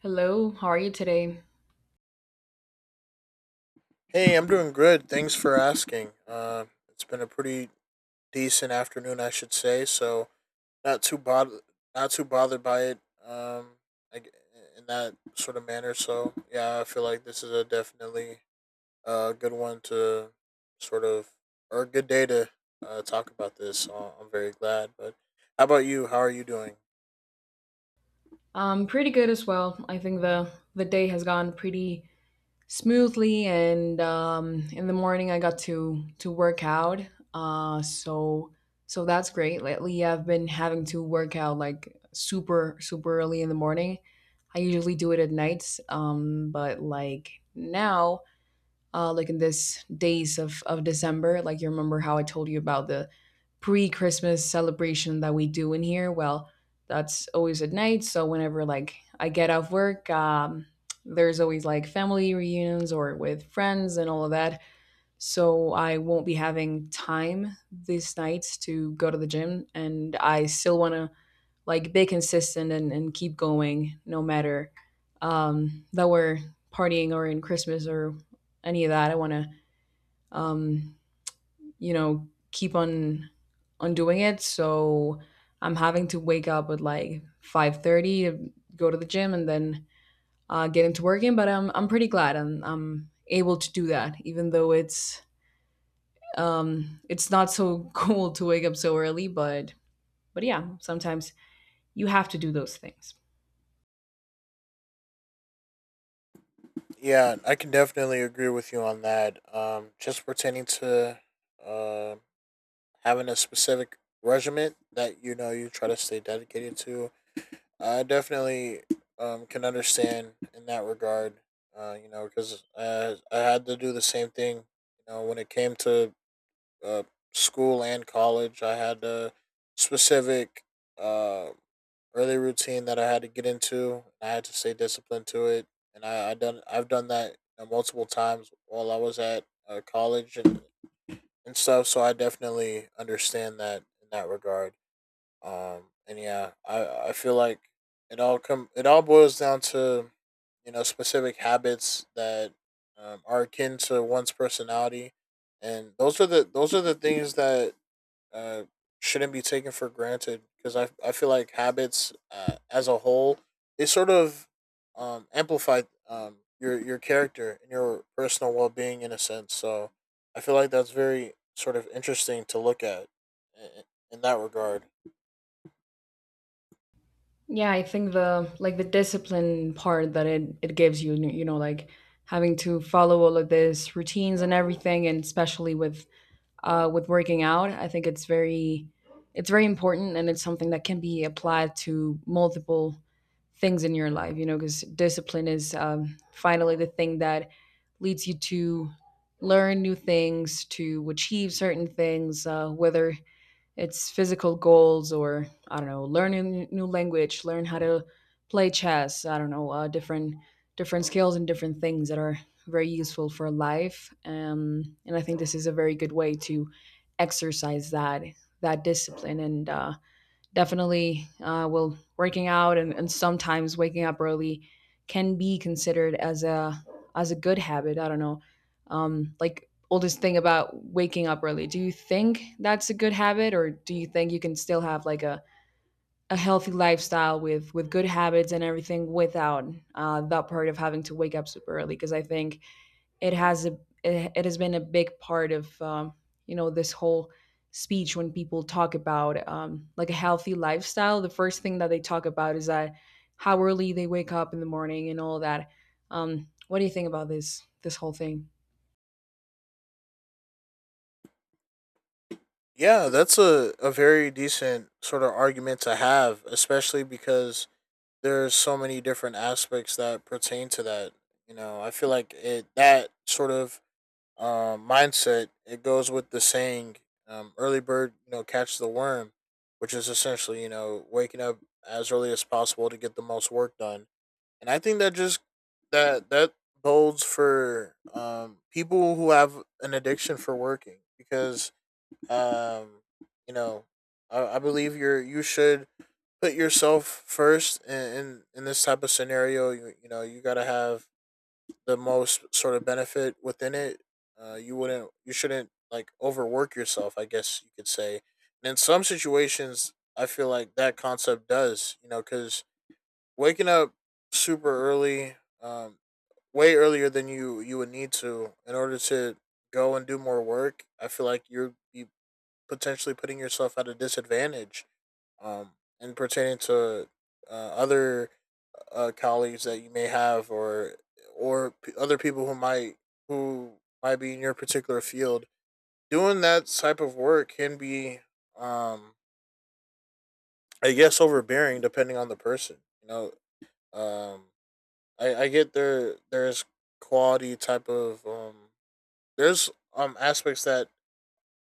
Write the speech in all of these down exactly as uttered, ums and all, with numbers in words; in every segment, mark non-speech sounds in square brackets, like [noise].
Hello, how are you today? Hey, I'm doing good. Thanks for asking. Uh, it's been a pretty decent afternoon, I should say. So not too bothered, not too bothered by it. Um, I g In that sort of manner. So yeah, I feel like this is a definitely a good one to sort of or a good day to uh, talk about this. So I'm very glad. But how about you? How are you doing? Um, pretty good as well. I think the the day has gone pretty smoothly, and um, in the morning I got to to work out. Uh, so so that's great. Lately I've been having to work out like super super early in the morning. I usually do it at nights, um, but like now uh, like in this days of, of December. Like you remember how I told you about the pre-Christmas celebration that we do in here. Well, that's always at night. So whenever like I get off work, um, there's always like family reunions or with friends and all of that. So I won't be having time these nights to go to the gym, and I still want to like be consistent and, and keep going no matter um, that we're partying or in Christmas or any of that. I want to, um, you know, keep on on doing it. So I'm having to wake up at like five thirty, to go to the gym, and then uh, get into working. But I'm I'm pretty glad I'm I'm able to do that, even though it's um, it's not so [laughs] cool to wake up so early. But but yeah, sometimes you have to do those things. Yeah, I can definitely agree with you on that. Um, just pertaining to um having a specific regiment that you know you try to stay dedicated to. I definitely um, can understand in that regard. Uh, you know, because uh, I had to do the same thing. You know, when it came to uh, school and college, I had a specific uh, early routine that I had to get into. And I had to stay disciplined to it, and I, I done I've done that, you know, multiple times while I was at uh, college and and stuff. So I definitely understand that in that regard. Um, and yeah, I I feel like it all come it all boils down to, you know, specific habits that um, are akin to one's personality, and those are the those are the things that uh, shouldn't be taken for granted, because I, I feel like habits, uh, as a whole, they sort of um, amplify um, your your character and your personal well being in a sense. So I feel like that's very sort of interesting to look at i- in that regard. Yeah, I think the like the discipline part that it it gives you, you know, like having to follow all of this routines and everything, and especially with uh, with working out, I think it's very it's very important, and it's something that can be applied to multiple things in your life, you know, because discipline is um, finally the thing that leads you to learn new things, to achieve certain things, uh, whether it's physical goals or I don't know, learn a n- new language, learn how to play chess, I don't know, uh, different different skills and different things that are very useful for life, um, and I think this is a very good way to exercise that that discipline, and uh, definitely uh, well, working out and, and sometimes waking up early can be considered as a as a good habit, I don't know. Um like all this thing about waking up early, do you think that's a good habit, or do you think you can still have like a, a healthy lifestyle with with good habits and everything without uh, that part of having to wake up super early, because I think it has a it, it has been a big part of, um, you know, this whole speech. When people talk about, um, like a healthy lifestyle, the first thing that they talk about is that how early they wake up in the morning and all that. Um, what do you think about this this whole thing? Yeah, that's a, a very decent sort of argument to have, especially because there's so many different aspects that pertain to that. You know, I feel like it that sort of um, mindset, it goes with the saying, um, "Early bird, you know, catches the worm," which is essentially, you know, waking up as early as possible to get the most work done. And I think that just that that bodes for um, people who have an addiction for working, because um, you know, I, I believe you're you should put yourself first in in, in this type of scenario. You, you know, you gotta have the most sort of benefit within it. Uh, you wouldn't, you shouldn't like overwork yourself, I guess you could say. And in some situations, I feel like that concept does, you know, because waking up super early, um, way earlier than you you would need to in order to go and do more work. I feel like you're you potentially putting yourself at a disadvantage, um, and pertaining to uh, other uh, colleagues that you may have, or or p- other people who might who might be in your particular field. Doing that type of work can be, um, I guess, overbearing depending on the person. You know, um, I, I get there. There's quality type of um, there's um aspects that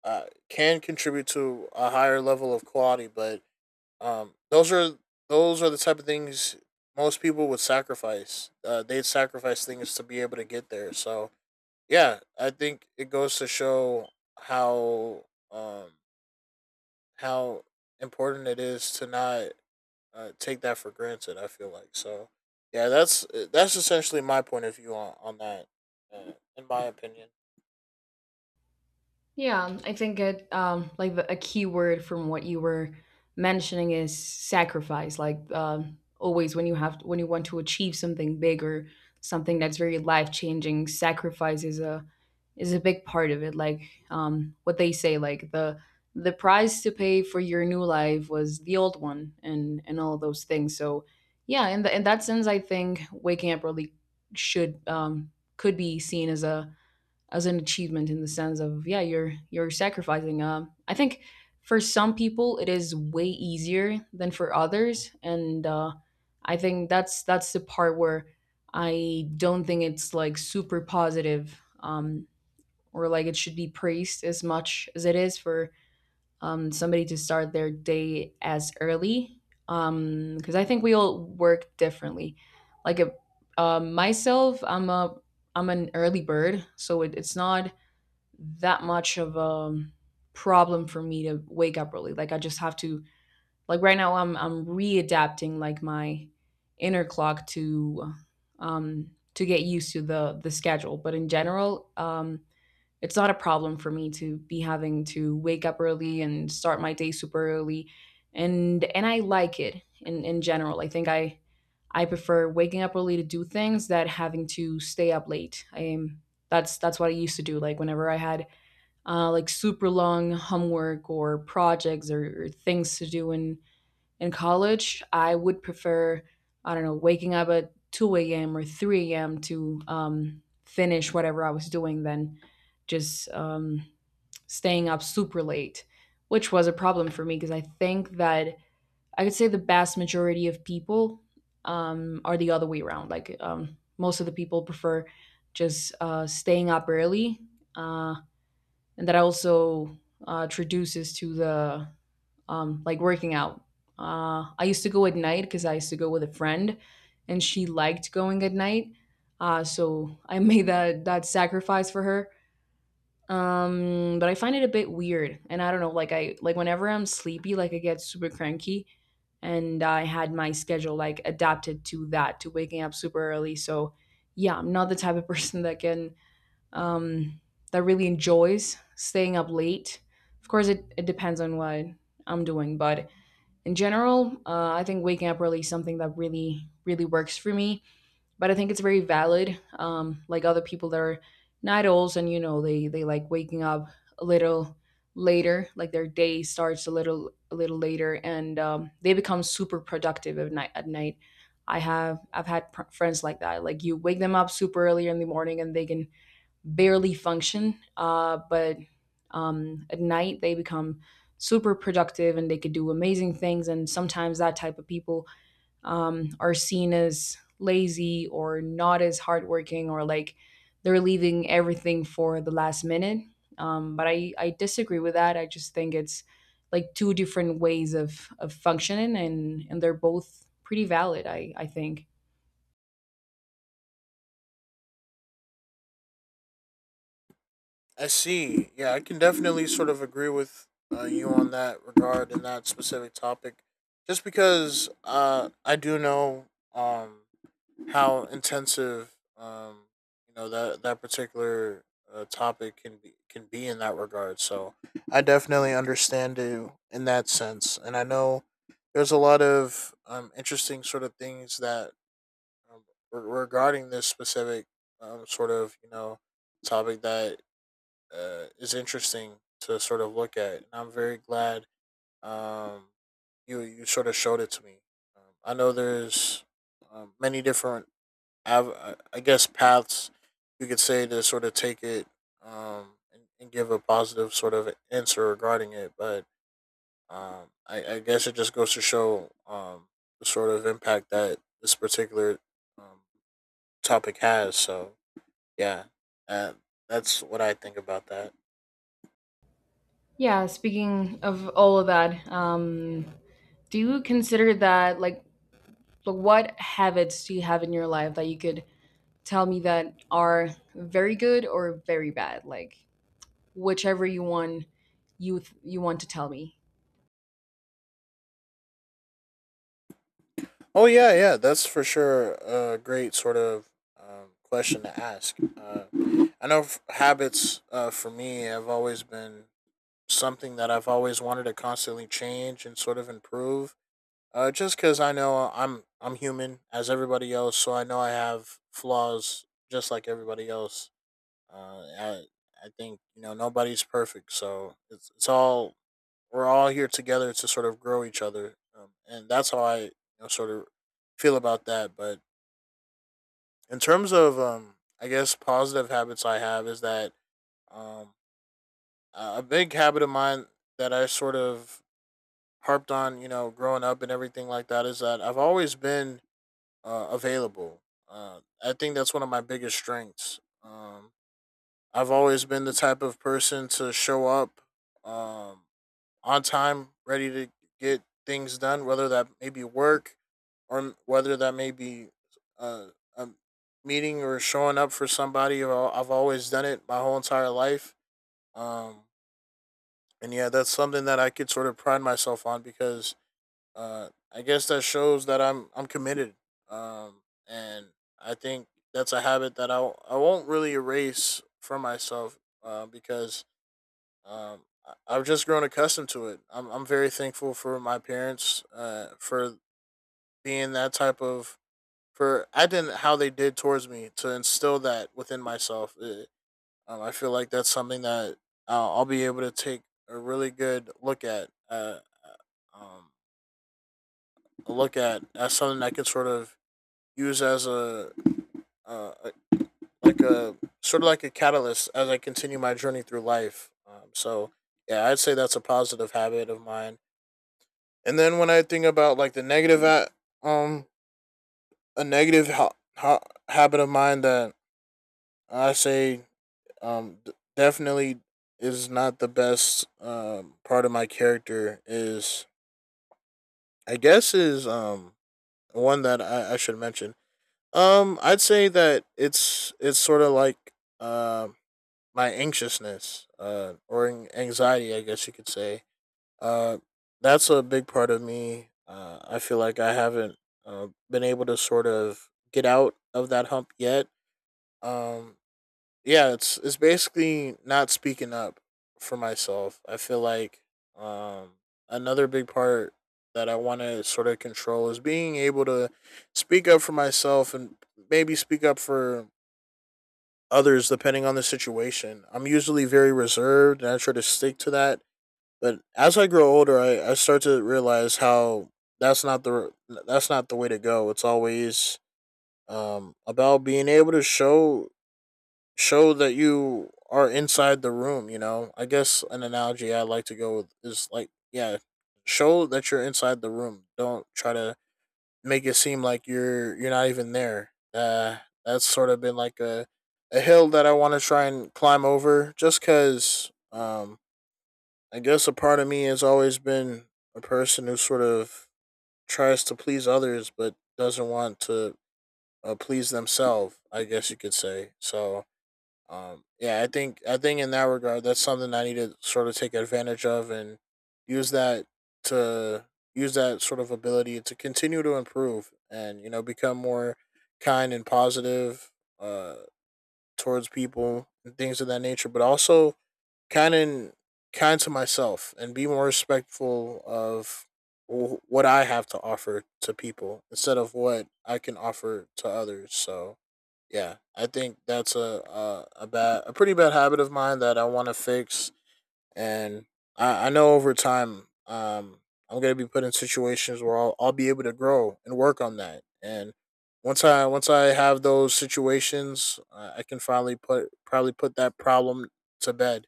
uh, can contribute to a higher level of quality, but Um, those are those are the type of things most people would sacrifice. Uh, they'd sacrifice things to be able to get there. So yeah, I think it goes to show how um how important it is to not uh, take that for granted. I feel like so. Yeah, that's that's essentially my point of view on on that, uh, in my opinion. Yeah, I think it um like the, a key word from what you were mentioning is sacrifice. Like, um always when you have when you want to achieve something big or something that's very life-changing, sacrifice is a is a big part of it. Like um what they say, like the the price to pay for your new life was the old one, and and all those things. So yeah, in the, in that sense, I think waking up early should um could be seen as a as an achievement in the sense of, yeah, you're you're sacrificing. um I think for some people it is way easier than for others, and uh I think that's that's the part where I don't think it's like super positive, um or like it should be praised as much as it is, for um somebody to start their day as early, um because I think we all work differently. Like a, uh, myself, I'm a I'm an early bird, so it, it's not that much of a um, problem for me to wake up early. Like I just have to like right now I'm I'm readapting like my inner clock to um to get used to the the schedule. But in general, um it's not a problem for me to be having to wake up early and start my day super early. And and I like it in in general. I think I I prefer waking up early to do things that having to stay up late. I am, that's that's what I used to do. Like whenever I had, uh, like super long homework or projects or, or things to do in in college, I would prefer I don't know, waking up at two a m or three a m to um, finish whatever I was doing, than just um, staying up super late, which was a problem for me, because I think that I could say the vast majority of people, um, are the other way around. Like, um, most of the people prefer just uh, staying up early. Uh, and that also uh, traduces to the, um, like working out. Uh, I used to go at night because I used to go with a friend, and she liked going at night. Uh, so I [laughs] made that that sacrifice for her. Um, but I find it a bit weird, and I don't know. Like I like whenever I'm sleepy, like I get super cranky, and I had my schedule like adapted to that, to waking up super early. So yeah, I'm not the type of [laughs] person that can um, that really enjoys staying up late. Of course, it, it depends on what I'm doing, but in general, uh, I think waking up early is something that really, really works for me. But I think it's very valid. Um, like other people that are night owls, and you know, they they like waking up a little later, like their day starts a little a little later, and um, they become super productive at night. At night, I have I've had pr- friends like that. Like you wake them up super early in the morning, and they can barely function. Uh, but um, at night, they become super productive, and they could do amazing things. And sometimes that type of people, um, are seen as lazy or not as hardworking, or like they're leaving everything for the last minute. Um, but I, I disagree with that. I just think it's like two different ways of, of functioning, and, and they're both pretty valid, I, I think. I see. Yeah, I can definitely sort of agree with uh, you on that regard and that specific topic, just because uh, I do know um, how intensive um, you know that that particular uh, topic can be can be in that regard. So I definitely understand you in that sense, and I know there's a lot of um, interesting sort of things that um, re- regarding this specific um, sort of, you know, topic that uh, is interesting to sort of look at, and I'm very glad um, you you sort of showed it to me. Um, I know there's um, many different, av- uh, I guess, paths you could say to sort of take it, um, and, and give a positive sort of answer regarding it, but um, I, I guess it just goes to show um, the sort of impact that this particular um, topic has. So yeah, uh, that's what I think about that. Yeah, speaking of all of that, um, do you consider that like like, what habits do you have in your life that you could tell me that are very good or very bad? Like whichever you want, you th- you want to tell me. Oh yeah, yeah, that's for sure a great sort of um, question to ask. Uh, I know f- habits, uh, for me, have always been something that I've always wanted to constantly change and sort of improve. Uh, just because I know I'm I'm human as everybody else, so I know I have flaws just like everybody else. Uh, I I think, you know, nobody's perfect, so it's it's all we're all here together to sort of grow each other, um, and that's how I, you know, sort of feel about that. But in terms of, um, I guess positive habits I have is that um, a big habit of mine that I sort of harped on, you know, growing up and everything like that, is that I've always been uh, available. Uh, I think that's one of my biggest strengths. Um, I've always been the type of person to show up um, on time, ready to get things done, whether that may be work or whether that may be a, a meeting or showing up for somebody. I've always done it my whole entire life. Um, and yeah, that's something that I could sort of pride myself on, because uh, I guess that shows that I'm I'm committed. Um, and I think that's a habit that I, I won't really erase for myself, uh, because um, I- I've just grown accustomed to it. I'm I'm very thankful for my parents, uh, for being that type of for acting how they did towards me to instill that within myself. Uh um, I feel like that's something that I'll, I'll be able to take a really good look at, uh, uh, um, a look at as something I can sort of use as a, uh, a- like a sort of like a catalyst as I continue my journey through life. Um, so yeah, I'd say that's a positive habit of mine. And then when I think about like the negative, a- um, a negative ha- ha- habit of mine that I say, um, d- definitely is not the best um part of my character is I guess is um one that I, I should mention. Um, I'd say that it's it's sort of like um my anxiousness, uh, or an- anxiety, I guess you could say. Uh, that's a big part of me. Uh, I feel like I haven't uh, been able to sort of get out of that hump yet. Um, yeah, it's it's basically not speaking up for myself. I feel like um, another big part that I want to sort of control is being able to speak up for myself and maybe speak up for others depending on the situation. I'm usually very reserved and I try to stick to that, but as I grow older, I, I start to realize how that's not the that's not the way to go. It's always um, about being able to show show that you are inside the room. You know, I guess an analogy I like to go with is like, yeah, show that you're inside the room. Don't try to make it seem like you're you're not even there. Uh, that's sort of been like a a hill that I want to try and climb over, just because um, I guess a part of me has always been a person who sort of tries to please others but doesn't want to uh, please themselves, I guess you could say. So, um, yeah, I think I think in that regard, that's something I need to sort of take advantage of and use that to use that sort of ability to continue to improve and, you know, become more kind and positive uh, towards people and things of that nature. But also kind and kind to myself and be more respectful of what I have to offer to people instead of what I can offer to others. So yeah, I think that's a a, a bad a pretty bad habit of mine that I want to fix, and I, I know over time, um, I'm gonna be put in situations where I'll, I'll be able to grow and work on that. And once I once I have those situations, uh, I can finally put probably put that problem to bed,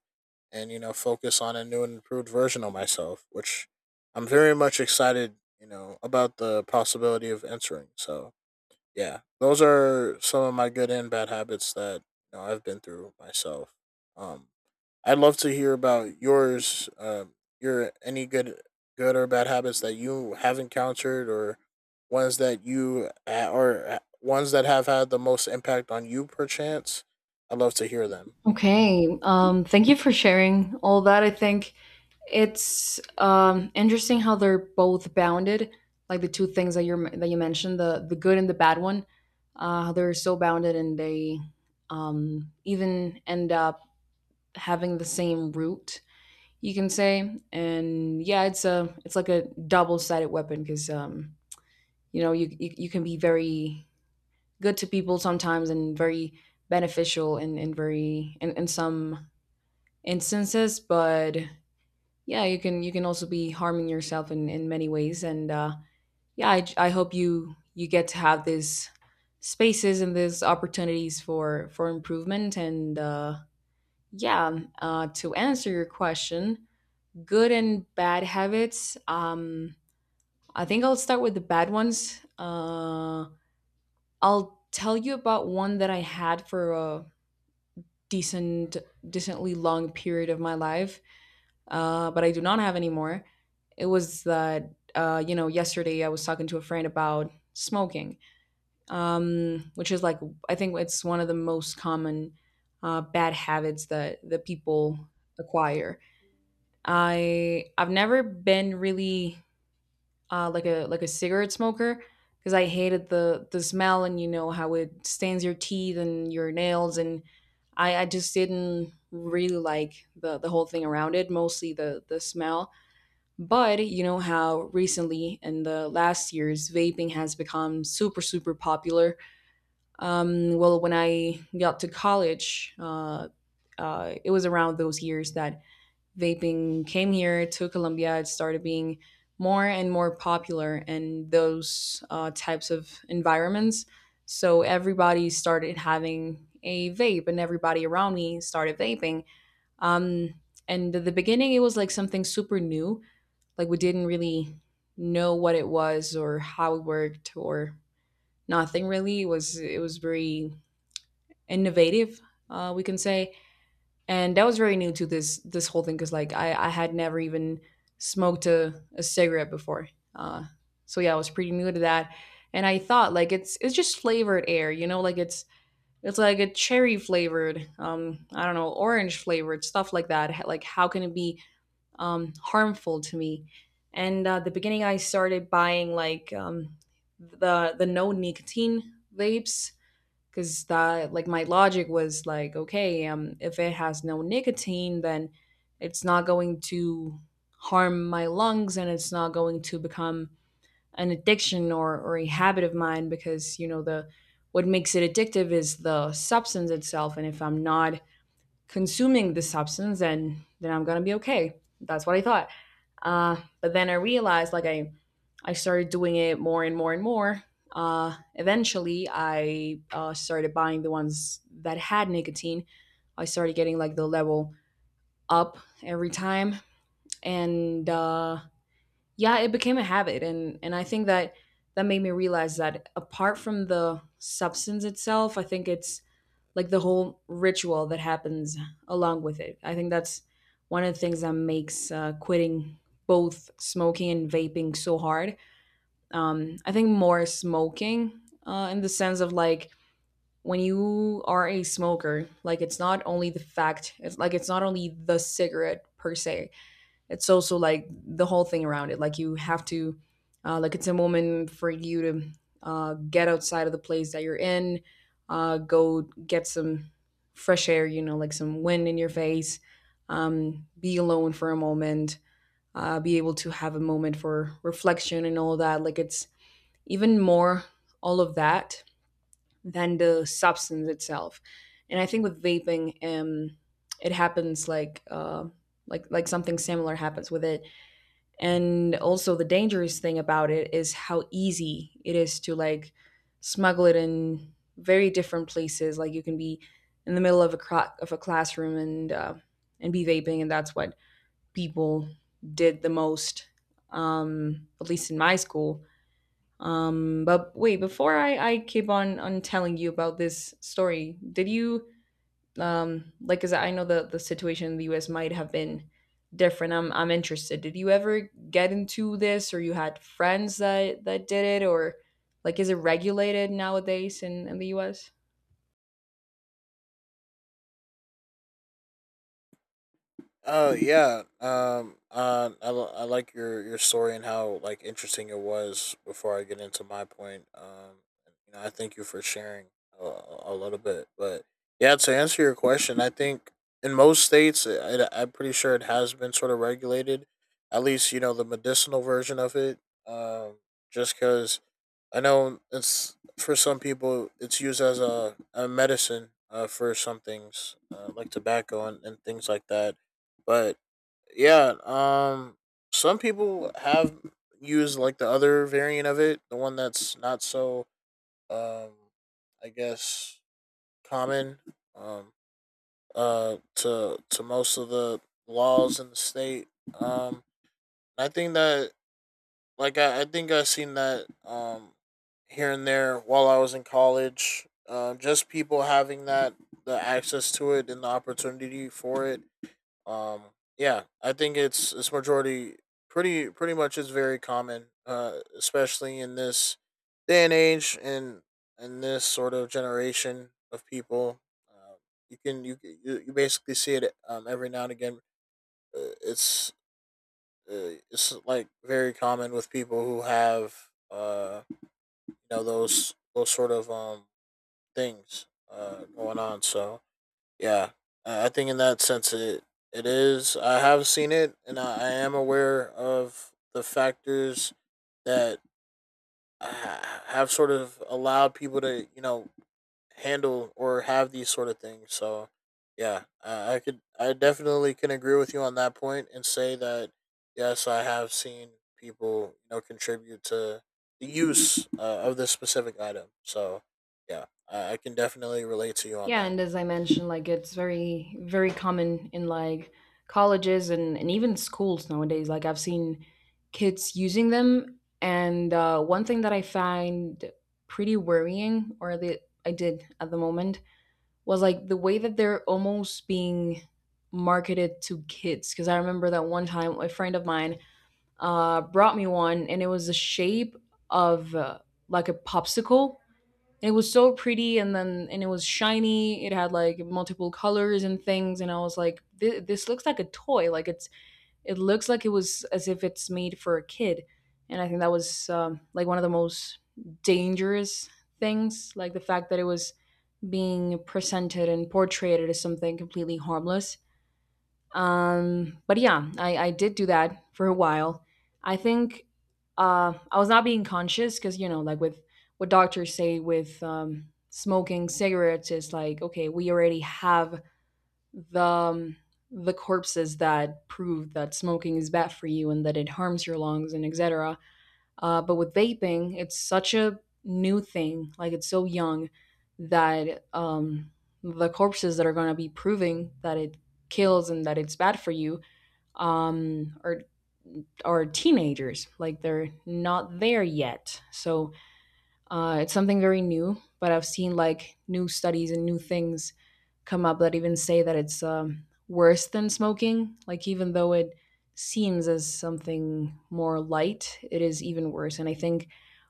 and, you know, focus on a new and improved version of myself, which I'm very much excited, you know, about the possibility of entering. So yeah, those are some of my good and bad habits that, you know, I've been through myself. Um, I'd love to hear about yours. Um, your any good, good or bad habits that you have encountered, or ones that you uh, or uh, ones that have had the most impact on you, perchance? I'd love to hear them. Okay. Um, thank you for sharing all that. I think it's um, interesting how they're both bounded, like the two things that you are that you mentioned, the the good and the bad one. Uh, how they're so bounded, and they um, even end up having the same root, you can say. And yeah, it's a it's like a double sided weapon, because um, you know, you, you you can be very good to people sometimes, and very beneficial in in very in, in some instances, but yeah, you can you can also be harming yourself in in many ways. And uh, yeah, I I hope you you get to have these spaces and these opportunities for for improvement, and uh yeah, uh to answer your question, good and bad habits. Um, I think I'll start with the bad ones. Uh, I'll tell you about one that I had for a decent, decently long period of my life, uh, but I do not have anymore. It was that, uh, you know, yesterday I was talking to a friend about smoking, um, which is like, I think it's one of the most common uh, bad habits that, that people acquire. I I've never been really uh, like a like a cigarette smoker, because I hated the the smell, and you know how it stains your teeth and your nails, and I I just didn't really like the the whole thing around it, mostly the the smell. But you know how recently in the last years vaping has become super super popular. Um, well, when I got to college, uh, uh, it was around those years that vaping came here to Colombia. It started being more and more popular in those uh, types of environments. So everybody started having a vape, and everybody around me started vaping. Um, and at the beginning, it was like something super new. Like we didn't really know what it was or how it worked or nothing really. It was it was very innovative, uh, we can say, and that was very new to this this whole thing, because like I I had never even smoked a, a cigarette before. Uh, so yeah, I was pretty new to that, and I thought like it's it's just flavored air, you know, like it's it's like a cherry flavored, um, I don't know, orange flavored stuff like that. H- Like how can it be um, harmful to me? And uh, the beginning, I started buying like um, the the no nicotine vapes because that like my logic was like, okay, um if it has no nicotine, then it's not going to harm my lungs and it's not going to become an addiction or, or a habit of mine because, you know, the what makes it addictive is the substance itself, and if I'm not consuming the substance and then I'm gonna be okay. That's what I thought. Uh, but then I realized like I I started doing it more and more and more. Uh, eventually, I uh, started buying the ones that had nicotine. I started getting like the level up every time, and uh, yeah, it became a habit. And and I think that that made me realize that apart from the substance itself, I think it's like the whole ritual that happens along with it. I think that's one of the things that makes uh, quitting both smoking and vaping so hard. Um, I think more smoking uh, in the sense of like when you are a smoker, like it's not only the fact, it's like it's not only the cigarette per se, it's also like the whole thing around it. Like you have to, uh, like it's a moment for you to uh, get outside of the place that you're in, uh, go get some fresh air, you know, like some wind in your face, um, be alone for a moment, uh, be able to have a moment for reflection and all that. Like it's even more all of that than the substance itself. And I think with vaping, um, it happens like uh, like like something similar happens with it, and also the dangerous thing about it is how easy it is to like smuggle it in very different places. Like you can be in the middle of a cro- of a classroom and uh, and be vaping, and that's what people did the most, um, at least in my school. Um, but wait, before I, I keep on on telling you about this story, did you um, like, cause I know the the situation in the U S might have been different. I'm I'm interested. Did you ever get into this, or you had friends that that did it, or like, is it regulated nowadays in in the U S? Oh yeah. Um. Uh. I, li- I like your your story and how like interesting it was. Before I get into my point, um, you know, I thank you for sharing a, a a little bit. But yeah, to answer your question, I think in most states, I, I- I'm pretty sure it has been sort of regulated. At least you know the medicinal version of it. Um. Just because I know it's for some people it's used as a, a medicine uh, for some things uh, like tobacco and, and things like that. But yeah, um, some people have used like the other variant of it, the one that's not so um, I guess common, um, uh, to to most of the laws in the state. Um, I think that like I, I think I seen that um here and there while I was in college. Um, just people having that the access to it and the opportunity for it. Um, yeah, I think it's it's majority pretty pretty much is very common, uh, especially in this day and age and in this sort of generation of people. Uh, you can you you you basically see it um, every now and again. Uh, It's uh, it's like very common with people who have uh you know those those sort of um things uh going on. So yeah, I I think in that sense it it is. I have seen it, and I, I am aware of the factors that ha- have sort of allowed people to you know handle or have these sort of things. So, yeah, uh, I could, I definitely can agree with you on that point and say that yes, I have seen people, you know, contribute to the use uh, of this specific item. So, yeah, I, I can definitely relate to you on Yeah, that. and as I mentioned, like it's very, very common in like colleges and, and even schools nowadays. Like I've seen kids using them. And uh, one thing that I find pretty worrying, or that I did at the moment, was like the way that they're almost being marketed to kids. Because I remember that one time a friend of mine uh, brought me one, and it was the shape of uh, like a popsicle. It was so pretty, and then and it was shiny. It had like multiple colors and things, and I was like, this, this looks like a toy. Like it's it looks like it was as if it's made for a kid. And I think that was um, like one of the most dangerous things, like the fact that it was being presented and portrayed as something completely harmless. Um, but yeah, I, I did do that for a while. I think uh, I was not being conscious because, you know, like with what doctors say with um, smoking cigarettes is like, okay, we already have the, um, the corpses that prove that smoking is bad for you and that it harms your lungs and et cetera. Uh, but with vaping, it's such a new thing, like it's so young that um, the corpses that are going to be proving that it kills and that it's bad for you um, or are teenagers, like they're not there yet. So uh, it's something very new, but I've seen like new studies and new things come up that even say that it's um, worse than smoking, like even though it seems as something more light, it is even worse. And I think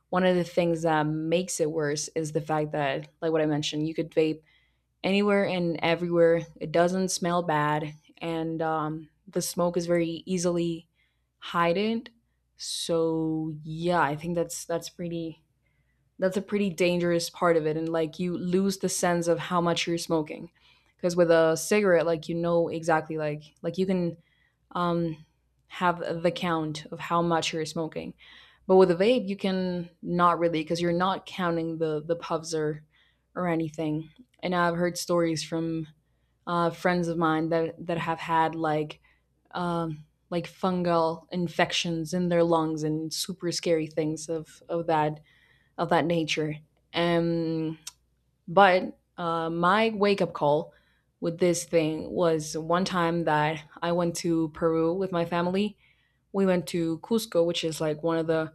one of the things that makes it worse is the fact that, like what I mentioned, you could vape anywhere and everywhere. It doesn't smell bad, and um, the smoke is very easily hidden. So yeah, I think that's that's pretty that's a pretty dangerous part of it, and like you lose the sense of how much you're smoking, because with a cigarette, like you know exactly like like you can um, have the count of how much you're smoking. But with a vape, you can not really because you're not counting the the puffs or or anything. And I've heard stories from uh, friends of mine that that have had like um, like fungal infections in their lungs and super scary things of of that of that nature. Um, but uh, my wake up call with this thing was one time that I went to Peru with my family. We went to Cusco, which is like one of the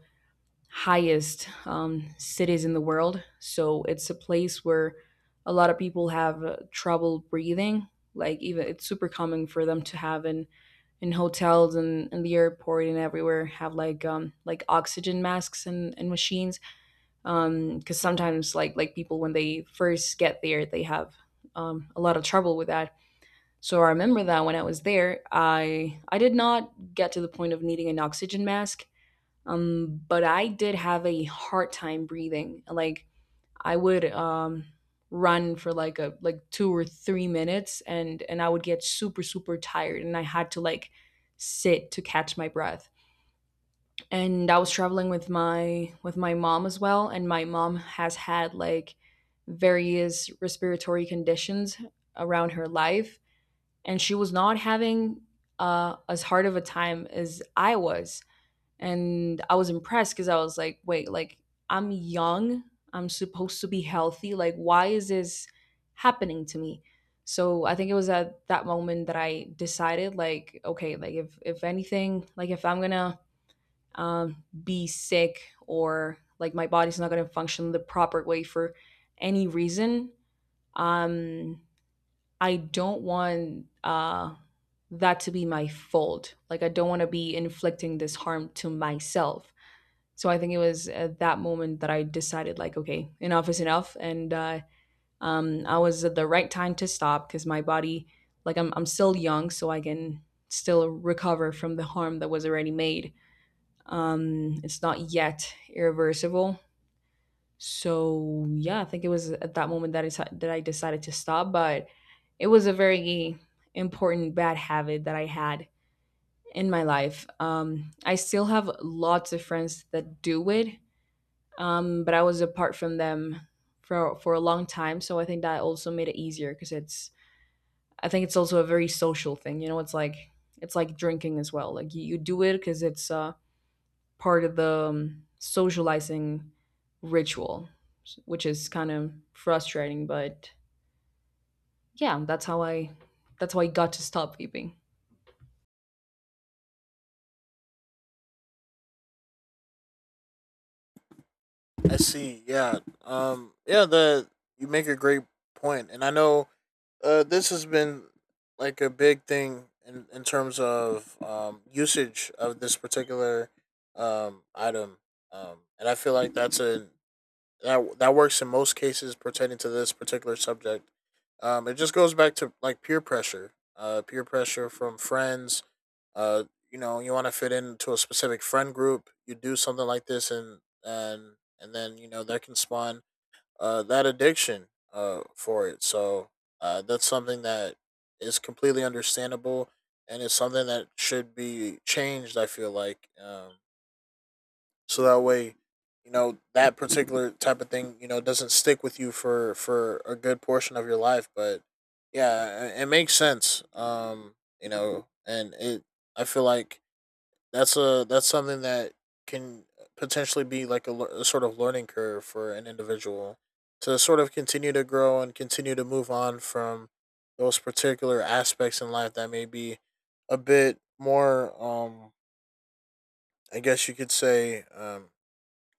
highest um, cities in the world. So it's a place where a lot of people have uh, trouble breathing. Like even it's super common for them to have in in hotels and in the airport and everywhere have like um like oxygen masks and, and machines um because sometimes like like people when they first get there they have um, a lot of trouble with that. So I remember that when I was there, I I did not get to the point of needing an oxygen mask. Um, but I did have a hard time breathing. Like I would um, run for like a like two or three minutes, and and I would get super super tired, and I had to like sit to catch my breath. And I was traveling with my with my mom as well, and my mom has had like various respiratory conditions around her life, and she was not having uh, as hard of a time as I was. And I was impressed because I was like, wait, like I'm young, I'm supposed to be healthy. Like why is this happening to me? So I think it was at that moment that I decided, like, okay, like if if anything, like if I'm gonna um, be sick or like my body's not gonna function the proper way for any reason, um I don't want uh that to be my fault. Like I don't want to be inflicting this harm to myself. So I think it was at that moment that I decided, like, okay, enough is enough, and uh, um, I was at the right time to stop because my body, like, I'm I'm still young, so I can still recover from the harm that was already made. Um, it's not yet irreversible. So yeah, I think it was at that moment that I deci- that I decided to stop, but it was a very important bad habit that I had in my life. Um, I still have lots of friends that do it, um, but I was apart from them for for a long time. So I think that also made it easier because it's I think it's also a very social thing. You know, it's like it's like drinking as well. Like you, you do it because it's uh, part of the um, socializing ritual, s- which is kind of frustrating. But yeah, that's how I that's how I got to stop vaping. I see. Yeah, um, yeah, the you make a great point, and I know Uh, this has been like a big thing in, in terms of um, usage of this particular um, item, um, and I feel like that's a that that works in most cases pertaining to this particular subject. Um, it just goes back to like peer pressure, uh, peer pressure from friends. Uh, you know, you want to fit into a specific friend group. You do something like this, and and and then you know that can spawn uh, that addiction uh, for it. So uh, that's something that is completely understandable, and it's something that should be changed. I feel like um, so that way, you know, that particular type of thing, you know, doesn't stick with you for for a good portion of your life. But yeah, it, it makes sense. Um, you know, and it. I feel like that's a that's something that can potentially be like a, lear- a sort of learning curve for an individual to sort of continue to grow and continue to move on from those particular aspects in life that may be a bit more um I guess you could say um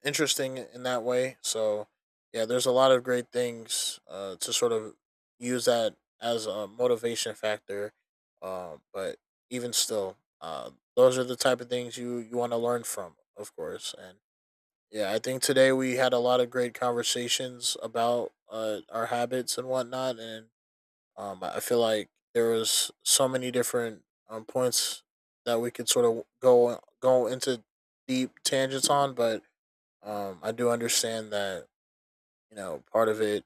interesting in that way. So yeah, there's a lot of great things uh, to sort of use that as a motivation factor. Uh, but even still, uh, those are the type of things you you want to learn from, of course. And yeah, I think today we had a lot of great conversations about uh, our habits and whatnot. And um, I feel like there was so many different um, points that we could sort of go go into deep tangents on, but um, I do understand that you know part of it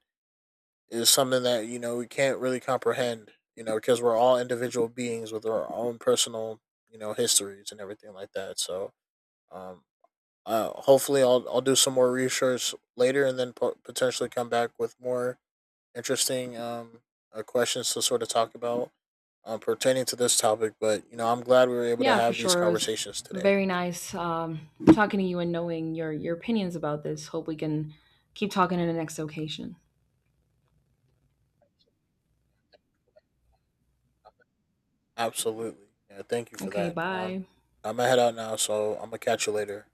is something that you know we can't really comprehend. You know, because we're all individual beings with our own personal you know histories and everything like that. So, um, uh, hopefully, I'll I'll do some more research later and then po- potentially come back with more interesting um uh, questions to sort of talk about um, pertaining to this topic. But you know, I'm glad we were able to Yeah, for have these sure, it was conversations today. very nice um, talking to you and knowing your your opinions about this. Hope we can keep talking in the next occasion. Absolutely, yeah. Thank you for Okay, that. Um, bye. I'm gonna head out now, so I'm gonna catch you later.